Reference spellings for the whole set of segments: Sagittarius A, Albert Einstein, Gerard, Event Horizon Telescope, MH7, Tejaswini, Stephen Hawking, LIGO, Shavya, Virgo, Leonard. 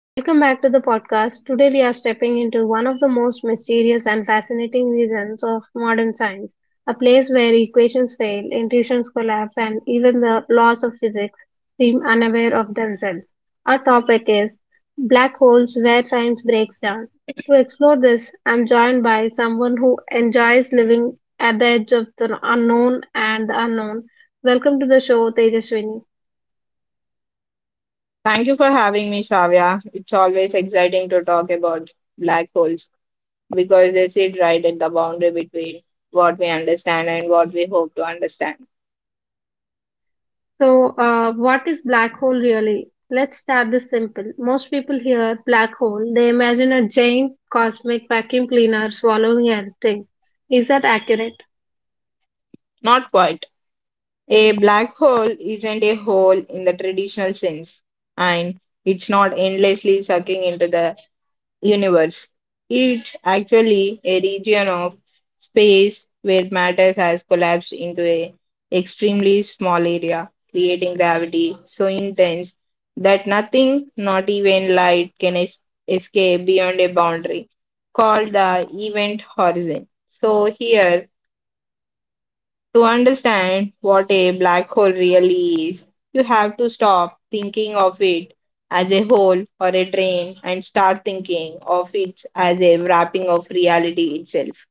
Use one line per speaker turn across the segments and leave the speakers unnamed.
Welcome back to the podcast. Today we are stepping into one of the most mysterious and fascinating regions of modern science, a place where equations fail, intuitions collapse, and even the laws of physics seem unaware of themselves. Our topic is black holes where science breaks down. To explore this, I'm joined by someone who enjoys living at the edge of the unknown and the unknown. Welcome to the show, Tejaswini.
Thank you for having me, Shavya. It's always exciting to talk about black holes because they sit right at the boundary between what we understand and what we hope to understand.
What is black hole really? Let's start this simple. Most people hear black hole, they imagine a giant cosmic vacuum cleaner swallowing everything. Is that accurate?
Not quite. A black hole isn't a hole in the traditional sense, and it's not endlessly sucking into the universe. It's actually a region of space where matter has collapsed into an extremely small area, creating gravity so intense that nothing, not even light, can escape beyond a boundary called the event horizon. So, here, to understand what a black hole really is, you have to stop thinking of it as a hole or a drain and start thinking of it as a wrapping of reality itself.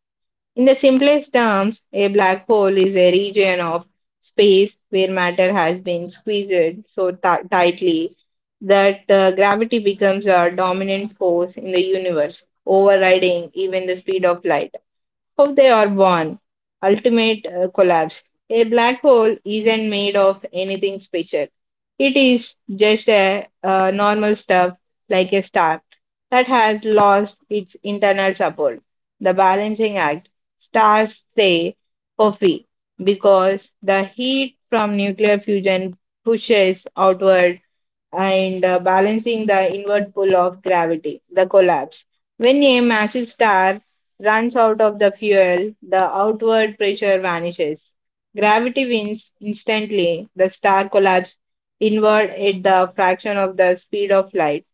In the simplest terms, a black hole is a region of space where matter has been squeezed so tightly that gravity becomes a dominant force in the universe, overriding even the speed of light. How they are born. Ultimate collapse. A black hole isn't made of anything special. It is just a normal stuff like a star that has lost its internal support. The balancing act. Stars stay puffy because the heat from nuclear fusion pushes outward and balancing the inward pull of gravity, the collapse. When a massive star runs out of the fuel, the outward pressure vanishes. Gravity wins instantly. The star collapses inward at the fraction of the speed of light.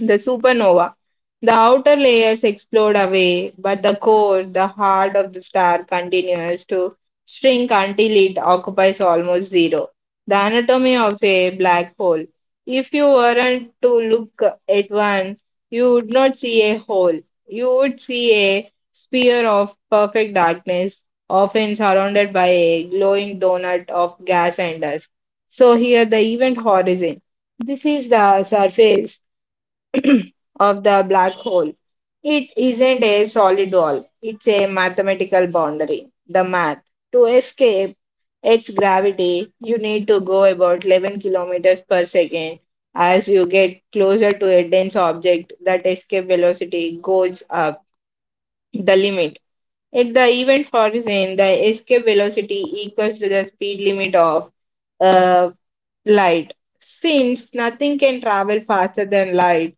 The supernova. The outer layers explode away, but the core, the heart of the star, continues to shrink until it occupies almost zero. The anatomy of a black hole. If you weren't to look at one, you would not see a hole. You would see a sphere of perfect darkness, often surrounded by a glowing donut of gas and dust. So, here, the event horizon. This is the surface of the black hole. It isn't a solid wall, it's a mathematical boundary. The math. To escape its gravity, you need to go about 11 kilometers per second. As you get closer to a dense object, that escape velocity goes up. The limit. At the event horizon, the escape velocity equals to the speed limit of uh, light. Since nothing can travel faster than light,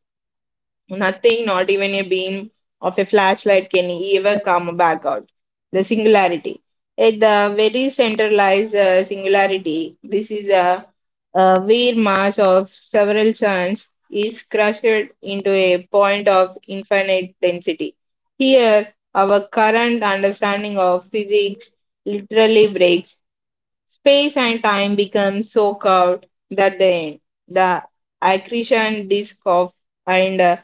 nothing, not even a beam of a flashlight, can ever come back out. The singularity. At the very center lies singularity. This is a weird mass of several suns is crushed into a point of infinite density. Here, our current understanding of physics literally breaks. Space and time become so curved that they end. The accretion disk of and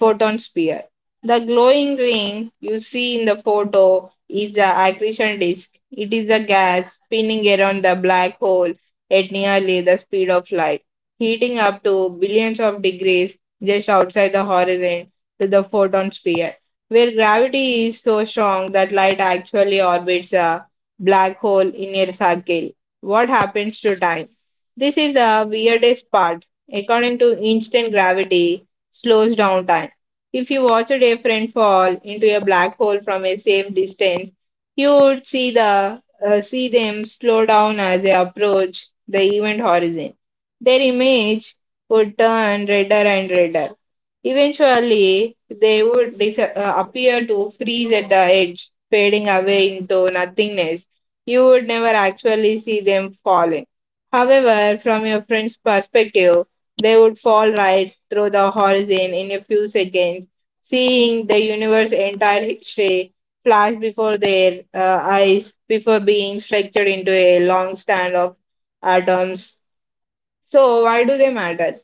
photon sphere. The glowing ring you see in the photo is the accretion disk. It is a gas spinning around the black hole at nearly the speed of light, heating up to billions of degrees just outside the horizon to the photon sphere, where gravity is so strong that light actually orbits a black hole in a circle. What happens to time? This is the weirdest part. According to instant gravity, slows down time. If you watch a dear friend fall into a black hole from a safe distance, you would see them slow down as they approach the event horizon. Their image would turn redder and redder. Eventually, they would appear to freeze at the edge, fading away into nothingness. You would never actually see them falling. However, from your friend's perspective, they would fall right through the horizon in a few seconds, seeing the universe's entire history flash before their eyes before being stretched into a long stand of atoms. So, why do they matter?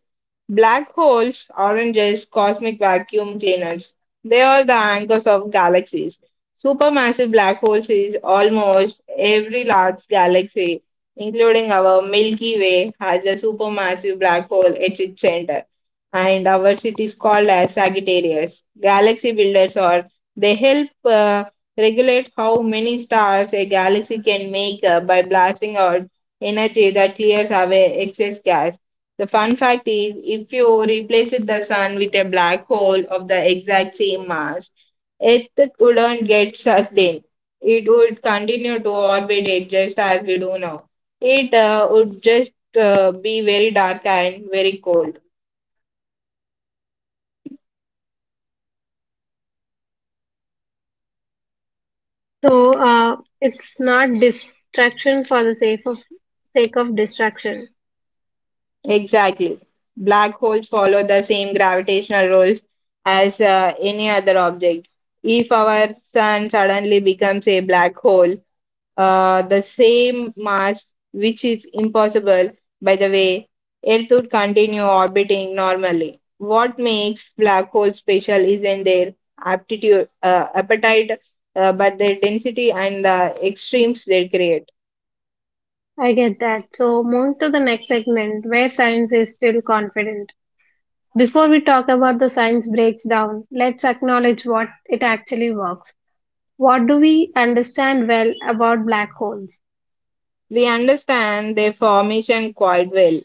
Black holes, oranges, cosmic vacuum cleaners, they are the anchors of galaxies. Supermassive black holes is almost every large galaxy, including our Milky Way, has a supermassive black hole at its center. And our city is called as Sagittarius. Galaxy builders are, they help regulate how many stars a galaxy can make by blasting out energy that clears away excess gas. The fun fact is, if you replace the sun with a black hole of the exact same mass, it wouldn't get sucked in. It would continue to orbit it just as we do now. It would just be very dark and very cold.
It's not distraction for the sake of distraction.
Exactly. Black holes follow the same gravitational rules as any other object. If our sun suddenly becomes a black hole, the same Mars, which is impossible, by the way, Earth would continue orbiting normally. What makes black holes special isn't their appetite, but their density and the extremes they create.
I get that. So, moving to the next segment where science is still confident. Before we talk about the science breaks down, let's acknowledge what it actually works. What do we understand well about black holes?
We understand their formation quite well.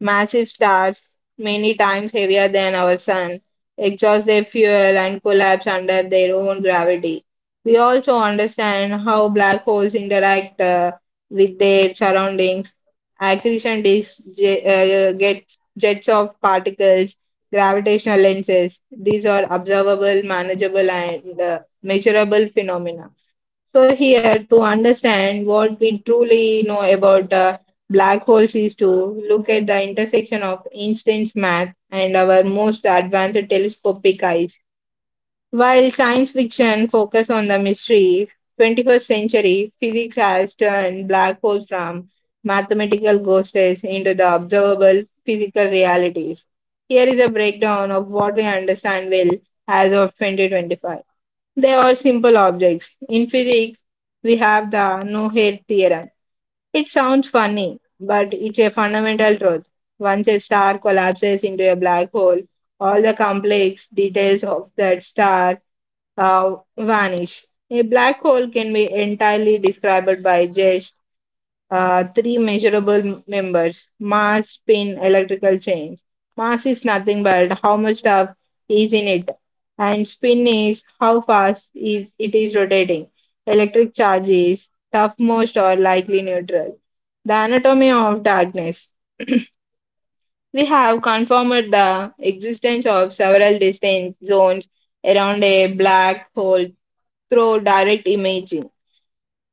Massive stars, many times heavier than our sun, exhaust their fuel and collapse under their own gravity. We also understand how black holes interact with their surroundings. Accretion disks gets jets of particles, gravitational lenses. These are observable, manageable, and measurable phenomena. So here to understand what we truly know about black holes is to look at the intersection of Einstein's math and our most advanced telescopic eyes. While science fiction focus on the mystery, 21st century physics has turned black holes from mathematical ghosts into the observable physical realities. Here is a breakdown of what we understand well as of 2025. They are simple objects. In physics, we have the no head theorem. It sounds funny, but it's a fundamental truth. Once a star collapses into a black hole, all the complex details of that star vanish. A black hole can be entirely described by just three measurable members: mass, spin, electrical change. Mass is nothing but how much stuff is in it, and spin is how fast is it is rotating. Electric charge is tough most or likely neutral. The anatomy of darkness. We have confirmed the existence of several distinct zones around a black hole through direct imaging.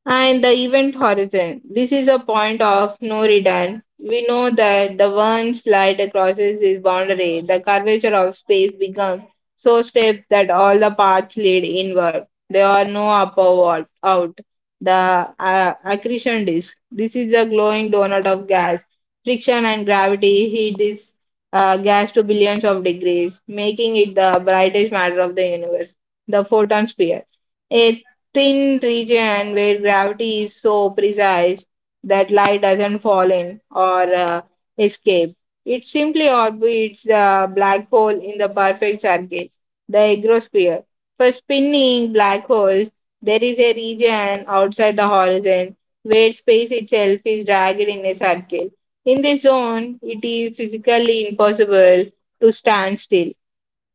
And the event horizon. This is a point of no return. We know that the one slide crosses this boundary, the curvature of space becomes so steep that all the paths lead inward. There are no upper wall out. The accretion disk. This is a glowing donut of gas. Friction and gravity heat this gas to billions of degrees, making it the brightest matter of the universe. The photon sphere. A thin region where gravity is so precise that light doesn't fall in or escape. It simply orbits the black hole in the perfect circle, the agrosphere. For spinning black holes, there is a region outside the horizon where space itself is dragged in a circle. In this zone, it is physically impossible to stand still.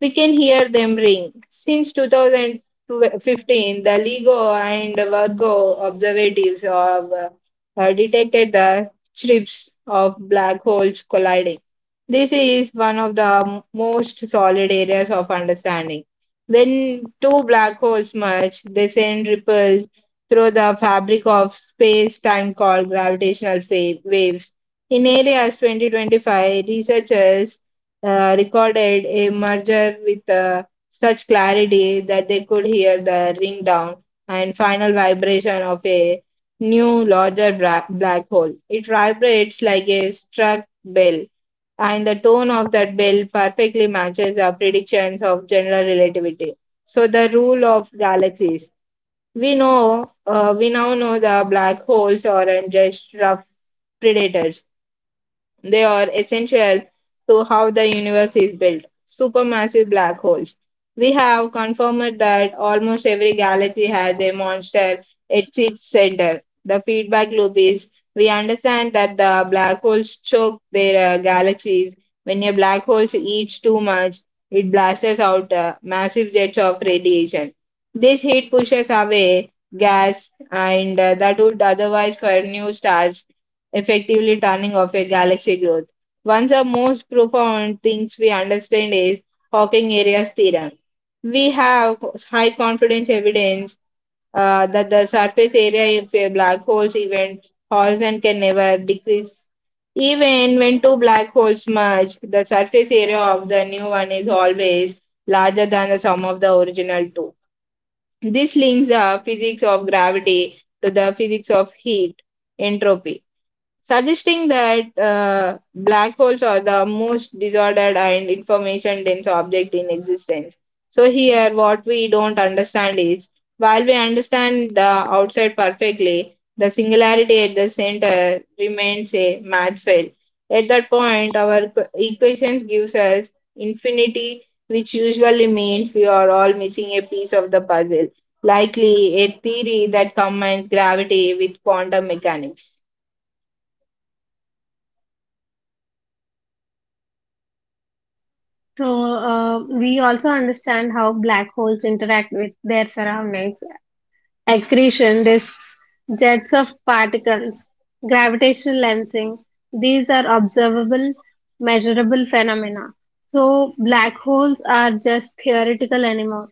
We can hear them ring. Since 2015, the LIGO and Virgo observatories have detected the strips of black holes colliding. This is one of the most solid areas of understanding. When two black holes merge, they send ripples through the fabric of space time called gravitational waves. In areas 2025, researchers recorded a merger with such clarity that they could hear the ring down and final vibration of a new larger black hole. It vibrates like a struck bell, and the tone of that bell perfectly matches our predictions of general relativity. So, the rule of galaxies. We now know the black holes aren't just rough predators, they are essential to how the universe is built. Supermassive black holes. We have confirmed that almost every galaxy has a monster at its center. The feedback loop is we understand that the black holes choke their galaxies. When a black hole eats too much, it blasts out massive jets of radiation. This heat pushes away gas and that would otherwise for new stars, effectively turning off a galaxy growth. One of the most profound things we understand is Hawking area's theorem. We have high confidence evidence that the surface area of a black hole's event horizon can never decrease. Even when two black holes merge, the surface area of the new one is always larger than the sum of the original two. This links the physics of gravity to the physics of heat entropy, suggesting that black holes are the most disordered and information dense object in existence. So, here what we don't understand is while we understand the outside perfectly, the singularity at the center remains a math fail. At that point, our equations gives us infinity, which usually means we are all missing a piece of the puzzle, likely a theory that combines gravity with quantum mechanics.
So, we also understand how black holes interact with their surroundings, accretion disks, jets of particles, gravitational lensing. These are observable, measurable phenomena. So, black holes are just theoretical anymore.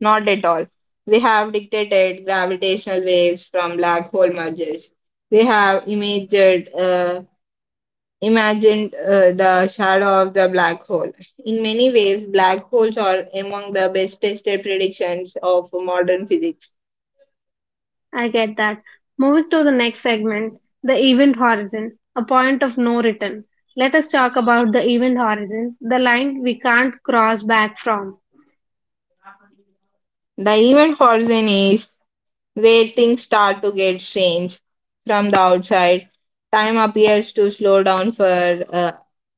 Not at all. We have detected gravitational waves from black hole mergers. We have imagined the shadow of the black hole. In many ways, black holes are among the best tested predictions of modern physics.
I get that. Moving to the next segment, the event horizon, a point of no return. Let us talk about the event horizon, the line we can't cross back from.
The event horizon is where things start to get strange from the outside. Time appears to slow down for uh,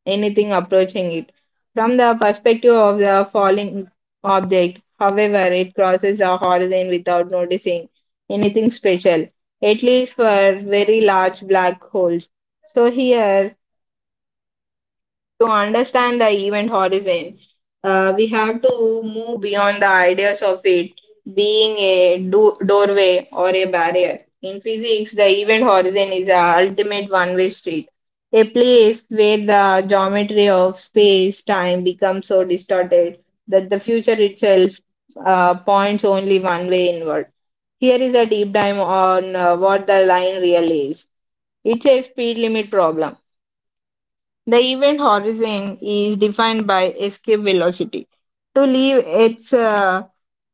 anything approaching it. From the perspective of the falling object, however, it crosses the horizon without noticing anything special, at least for very large black holes. So, here to understand the event horizon, we have to move beyond the ideas of it being a doorway or a barrier. In physics, the event horizon is a ultimate one way street, a place where the geometry of space time becomes so distorted that the future itself points only one way inward. Here is a deep dive on what the line really is. It's a speed limit problem. The event horizon is defined by escape velocity. To leave its uh,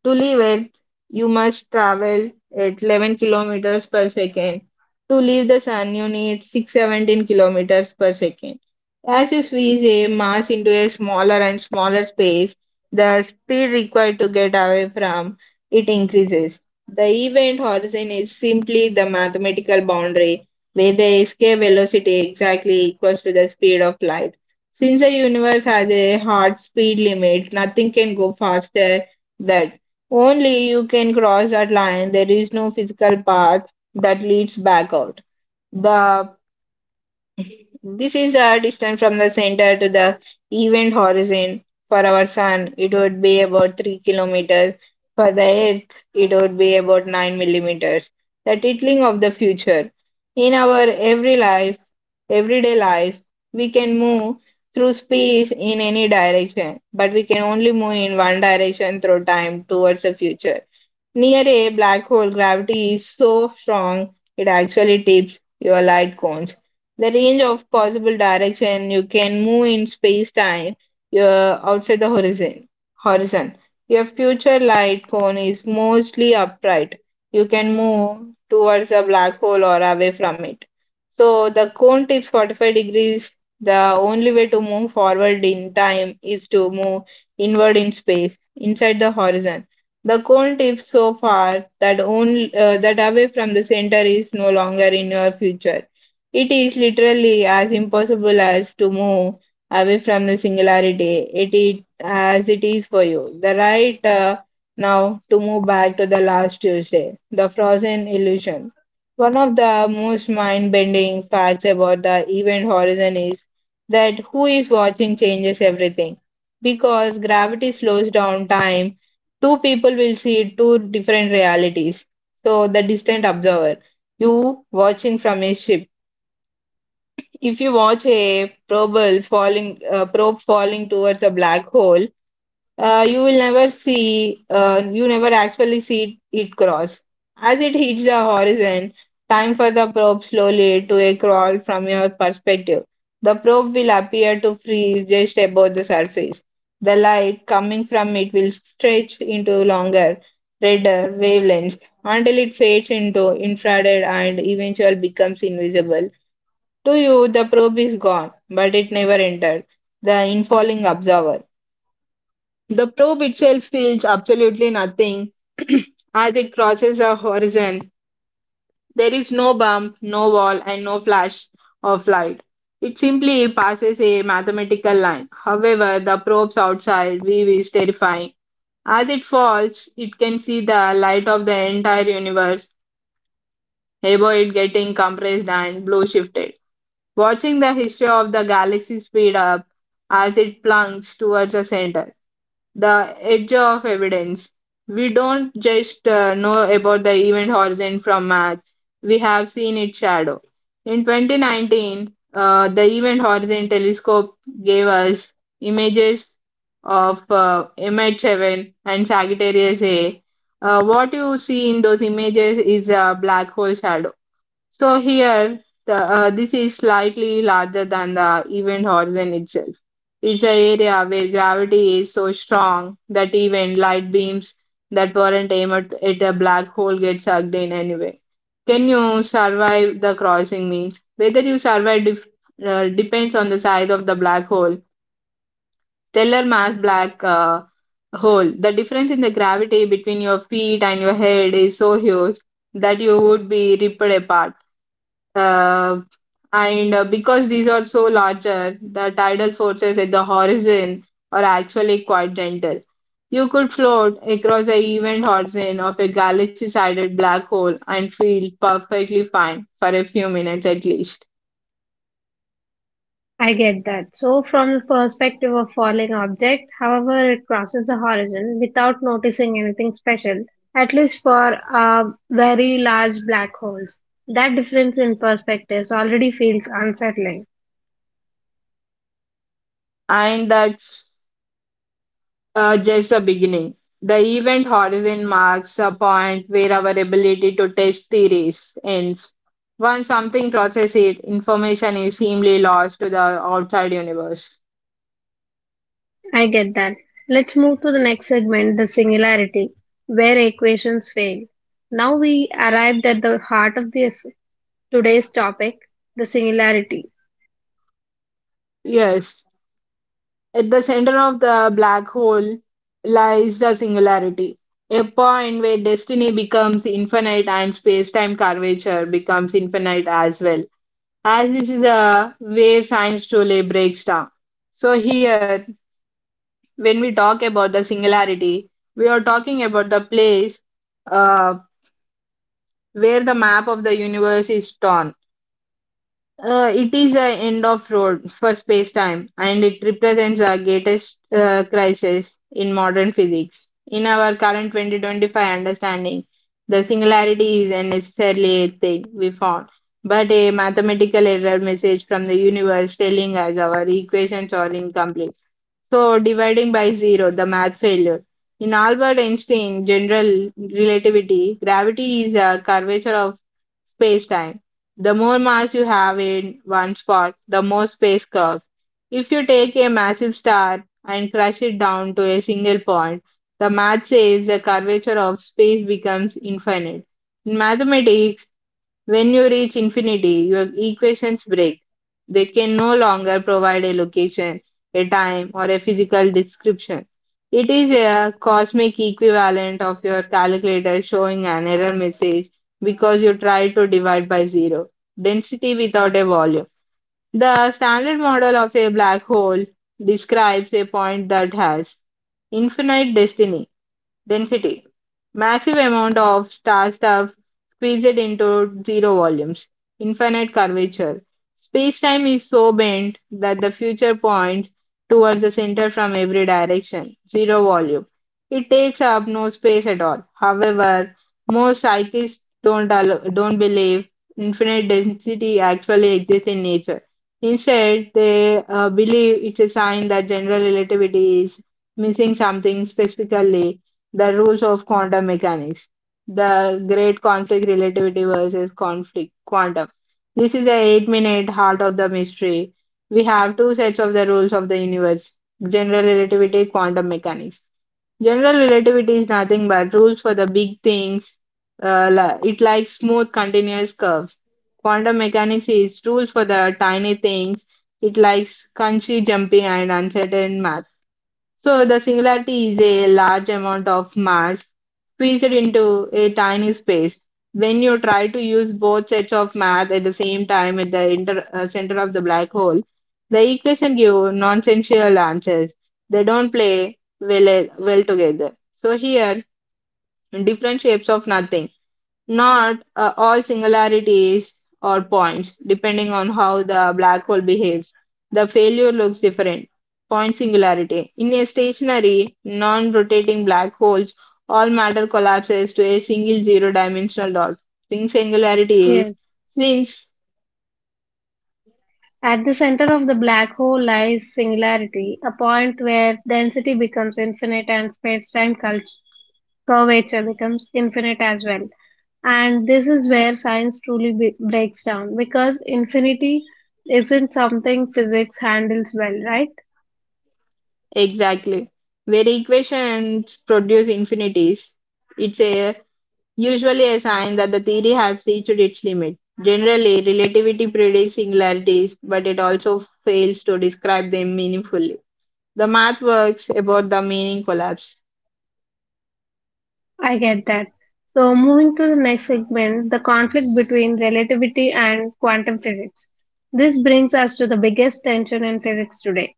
to leave it, you must travel at 11 kilometers per second. To leave the sun, you need 617 kilometers per second. As you squeeze a mass into a smaller and smaller space, the speed required to get away from it increases. The event horizon is simply the mathematical boundary where the escape velocity exactly equals to the speed of light. Since the universe has a hard speed limit, nothing can go faster that only you can cross that line. There is no physical path that leads back out. The This is our distance from the center to the event horizon. For our Sun, it would be about 3 kilometers. For the Earth, it would be about 9 millimeters. The titling of the future. In our everyday life, we can move through space in any direction, but we can only move in one direction through time towards the future. Near a black hole, gravity is so strong it actually tips your light cones. The range of possible direction you can move in space-time, you're outside the horizon. Horizon. Your future light cone is mostly upright. You can move towards a black hole or away from it. So the cone tips 45 degrees. The only way to move forward in time is to move inward in space, inside the horizon. The cone tips so far that that away from the center is no longer in your future. It is literally as impossible as to move away from the singularity. It is as it is for you. The right Now to move back to the last Tuesday, the frozen illusion. One of the most mind-bending facts about the event horizon is that who is watching changes everything because gravity slows down time. Two people will see two different realities. So, the distant observer, you watching from a ship. If you watch a probe falling towards a black hole, you will never see, you never actually see it cross. As it hits the horizon, time for the probe slowly to a crawl from your perspective. The probe will appear to freeze just above the surface. The light coming from it will stretch into longer, redder wavelengths until it fades into infrared and eventually becomes invisible. To you, the probe is gone, but it never entered the infalling observer. The probe itself feels absolutely nothing as it crosses a horizon. There is no bump, no wall, and no flash of light. It simply passes a mathematical line. However, the probe's outside view is terrifying. As it falls, it can see the light of the entire universe above it getting compressed and blue shifted. Watching the history of the galaxy speed up as it plunges towards the center the edge of evidence. We don't just know about the event horizon from Mars, we have seen its shadow. In 2019, the Event Horizon Telescope gave us images of MH7 and Sagittarius A. What you see in those images is a black hole shadow. So here, this is slightly larger than the event horizon itself. It's the area where gravity is so strong that even light beams that weren't aimed at a black hole get sucked in anyway. Can you survive the crossing means? Whether you survive depends on the size of the black hole. Stellar mass black hole. The difference in the gravity between your feet and your head is so huge that you would be ripped apart uh, and because these are so larger, the tidal forces at the horizon are actually quite gentle. You could float across the event horizon of a galaxy sided black hole and feel perfectly fine for a few minutes at least.
I get that. So, from the perspective of falling object, however, it crosses the horizon without noticing anything special, at least for very large black holes. That difference in perspectives already feels unsettling.
And that's just the beginning. The event horizon marks a point where our ability to test theories ends. Once something crosses it, information is seemingly lost to the outside universe.
I get that. Let's move to the next segment, the singularity, where equations fail. Now we arrived at the heart of this today's topic, the singularity.
Yes, at the center of the black hole lies the singularity, a point where destiny becomes infinite and space-time curvature becomes infinite as well. As this is a where science truly breaks down. So here, when we talk about the singularity, we are talking about the place uh, where the map of the universe is torn. It is an end of road for space-time, and it represents the greatest crisis in modern physics. In our current 2025 understanding, the singularity is a necessarily a thing we found, but a mathematical error message from the universe telling us our equations are incomplete. So dividing by zero, the math failure. In Albert Einstein general relativity, gravity is a curvature of space-time. The more mass you have in one spot, the more space curves. If you take a massive star and crush it down to a single point, the math says the curvature of space becomes infinite. In mathematics, when you reach infinity, your equations break. They can no longer provide a location, a time, or a physical description. It is a cosmic equivalent of your calculator showing an error message because you tried to divide by zero, density without a volume. The standard model of a black hole describes a point that has infinite destiny. Density: massive amount of star stuff squeezed into zero volumes. Infinite curvature. Space-time is so bent that the future points towards the center from every direction. Zero volume. It takes up no space at all. However, most psychists don't believe infinite density actually exists in nature. Instead, they believe it's a sign that general relativity is missing something specifically the rules of quantum mechanics. The great conflict relativity versus conflict quantum. This is the 8-minute heart of the mystery. We have two sets of the rules of the universe general relativity, quantum mechanics. General relativity is nothing but rules for the big things. It likes smooth, continuous curves. Quantum mechanics is rules for the tiny things. It likes crunchy, jumpy, and uncertain math. So the singularity is a large amount of mass squeezed into a tiny space. When you try to use both sets of math at the same time at the center of the black hole, the equation give nonsensical answers. They don't play well together. So here, different shapes of nothing not all singularities or points, depending on how the black hole behaves. The failure looks different. Point singularity. In a stationary, non rotating black holes, all matter collapses to a single zero dimensional dot. Ring singularity is
Yes.
since
At the center of the black hole lies singularity, a point where density becomes infinite and space-time curvature becomes infinite as well. And this is where science truly breaks down because infinity isn't something physics handles well, right?
exactly where equations produce infinities. It's a usually a sign that the theory has reached its limit. Generally, relativity predicts singularities, but it also fails to describe them meaningfully. The math works about the meaning collapse.
I get that. So, moving to the next segment, the conflict between relativity and quantum physics. This brings us to the biggest tension in physics today.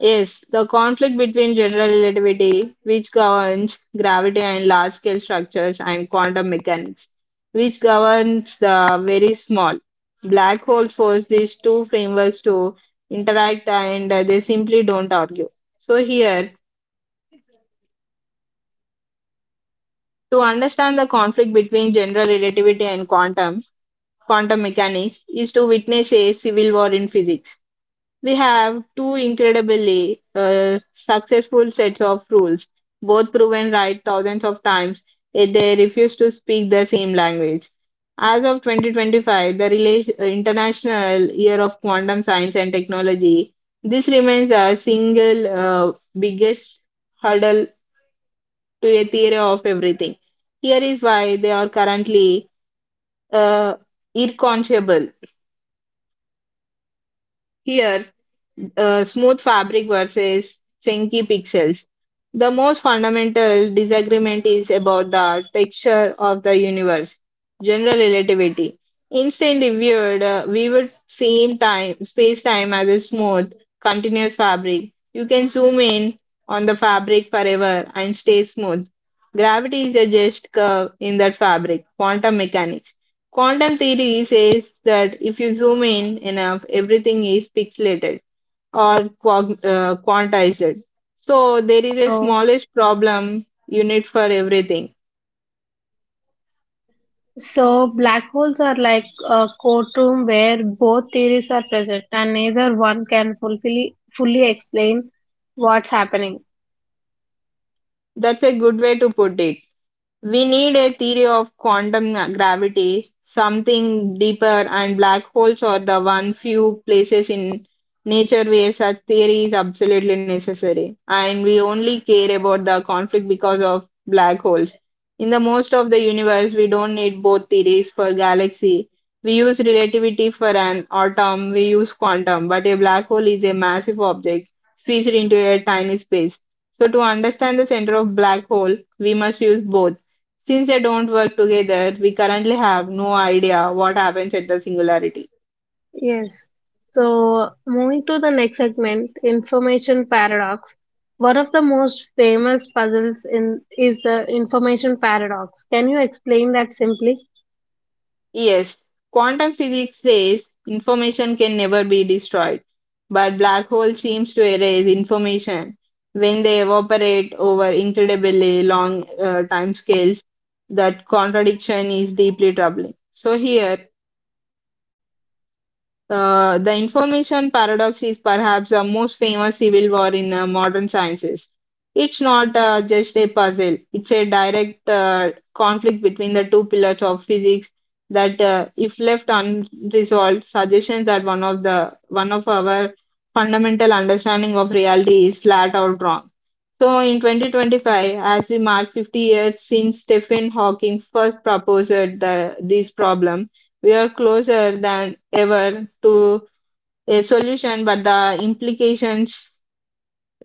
Yes, the conflict between general relativity, which governs gravity and large scale structures, and quantum mechanics, which governs the very small. Black holes force these two frameworks to interact and they simply don't argue. So, here to understand the conflict between general relativity and quantum mechanics is to witness a civil war in physics. We have two incredibly successful sets of rules, both proven right thousands of times, yet they refuse to speak the same language. As of 2025, the International Year of Quantum Science and Technology, this remains our single biggest hurdle to a theory of everything. Here is why they are currently uh, irreconcilable. Here, smooth fabric versus chunky pixels. The most fundamental disagreement is about the texture of the universe, general relativity. Einstein viewed, we would same time, Space-time as a smooth, continuous fabric. You can zoom in on the fabric forever and stay smooth. Gravity is a just curve in that fabric. Quantum mechanics. Quantum theory says that if you zoom in enough, everything is pixelated or quantize it. So there is a
So,
smallish problem unit for everything.
So black holes are like a courtroom where both theories are present and neither one can fully explain what's happening.
That's a good way to put it. We need a theory of quantum gravity, something deeper, and black holes are the one few places in nature where such theory is absolutely necessary. And we only care about the conflict because of black holes. In the most of the universe, we don't need both theories for galaxy. We use relativity for an atom, we use quantum, but a black hole is a massive object squeezed into a tiny space. So to understand the center of black hole, we must use both. Since they don't work together, we currently have no idea what happens at the singularity.
Yes. So moving to the next segment, information paradox. One of the most famous puzzles in is the information paradox. Can you explain that simply?
Yes, quantum physics says information can never be destroyed, but black hole seems to erase information when they evaporate over incredibly long time scales. That contradiction is deeply troubling. So here the information paradox is perhaps the most famous civil war in modern sciences. It's not just a puzzle, it's a direct conflict between the two pillars of physics that, if left unresolved, suggests that one of our fundamental understanding of reality is flat out wrong. So, in 2025, as we mark 50 years since Stephen Hawking first proposed this problem, we are closer than ever to a solution, but the implications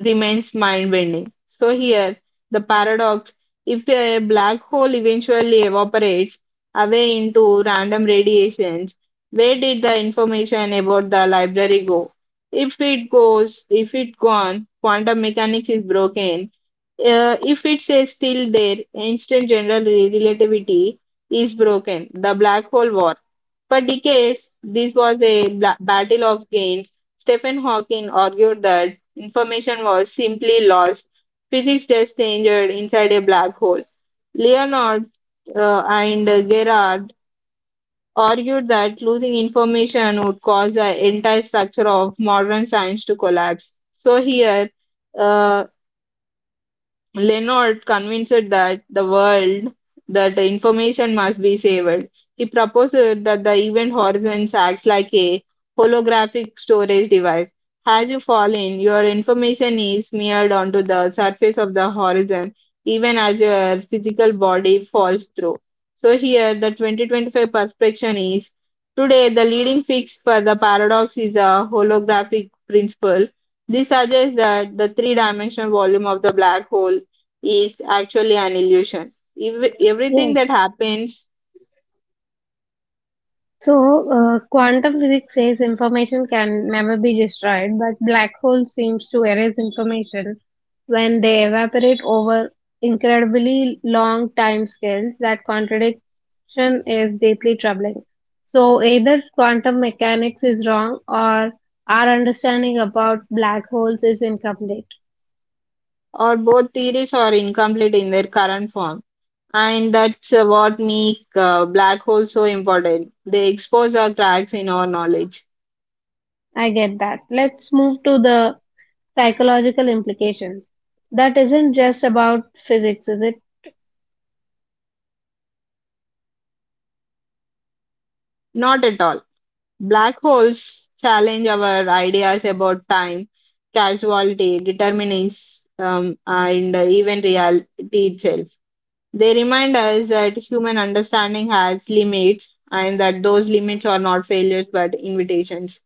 remains mind-bending. So here, the paradox: if a black hole eventually evaporates away into random radiations, where did the information about the library go? If it goes, if it gone, quantum mechanics is broken if it says still there, instant general relativity is broken. The black hole war. For decades, this was a battle of gains. Stephen Hawking argued that information was simply lost. Physics just changed inside a black hole. Leonard and Gerard argued that losing information would cause the entire structure of modern science to collapse. So here, uh. Leonard convinced that the world that the information must be saved. He proposed that the event horizon acts like a holographic storage device. As you fall in, your information is smeared onto the surface of the horizon, even as your physical body falls through. So here, the 2025 perspective is today the leading fix for the paradox is a holographic principle. This suggests that the three dimensional volume of the black hole is actually an illusion. Everything
Yes.
that happens
Quantum physics says information can never be destroyed, but black holes seems to erase information when they evaporate over incredibly long time scales. That contradiction is deeply troubling. So, either quantum mechanics is wrong or our understanding about black holes is incomplete.
or both theories are incomplete in their current form. And that's what make black holes so important. They expose our cracks in our knowledge.
I get that. Let's move to the psychological implications. That isn't just about physics, is it?
Not at all. Black holes challenge our ideas about time, casuality, determinism, and even reality itself. They remind us that human understanding has limits and that those limits are not failures but invitations.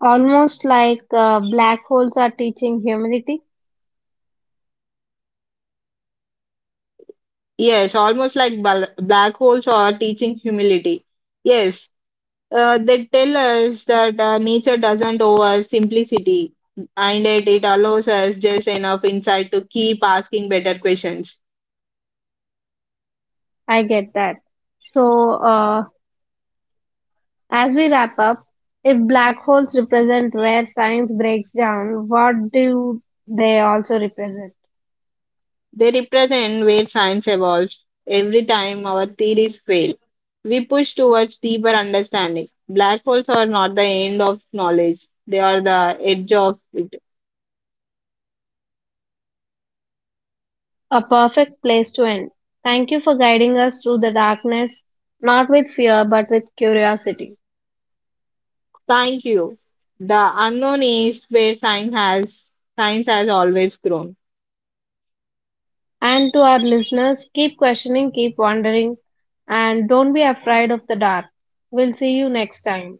Almost like black holes are teaching humanity.
Yes, almost like black holes are teaching humility. Yes, they tell us that nature doesn't owe us simplicity and yet it allows us just enough insight to keep asking better questions.
I get that. So, uh, as we wrap up, if black holes represent where science breaks down, what do they also represent?
They represent where science evolves. Every time our theories fail, we push towards deeper understanding. Black holes are not the end of knowledge, they are the edge of it.
A perfect place to end. Thank you for guiding us through the darkness, not with fear, but with curiosity.
Thank you. The unknown is where science has always grown.
And to our listeners, keep questioning, keep wondering, and don't be afraid of the dark. We'll see you next time.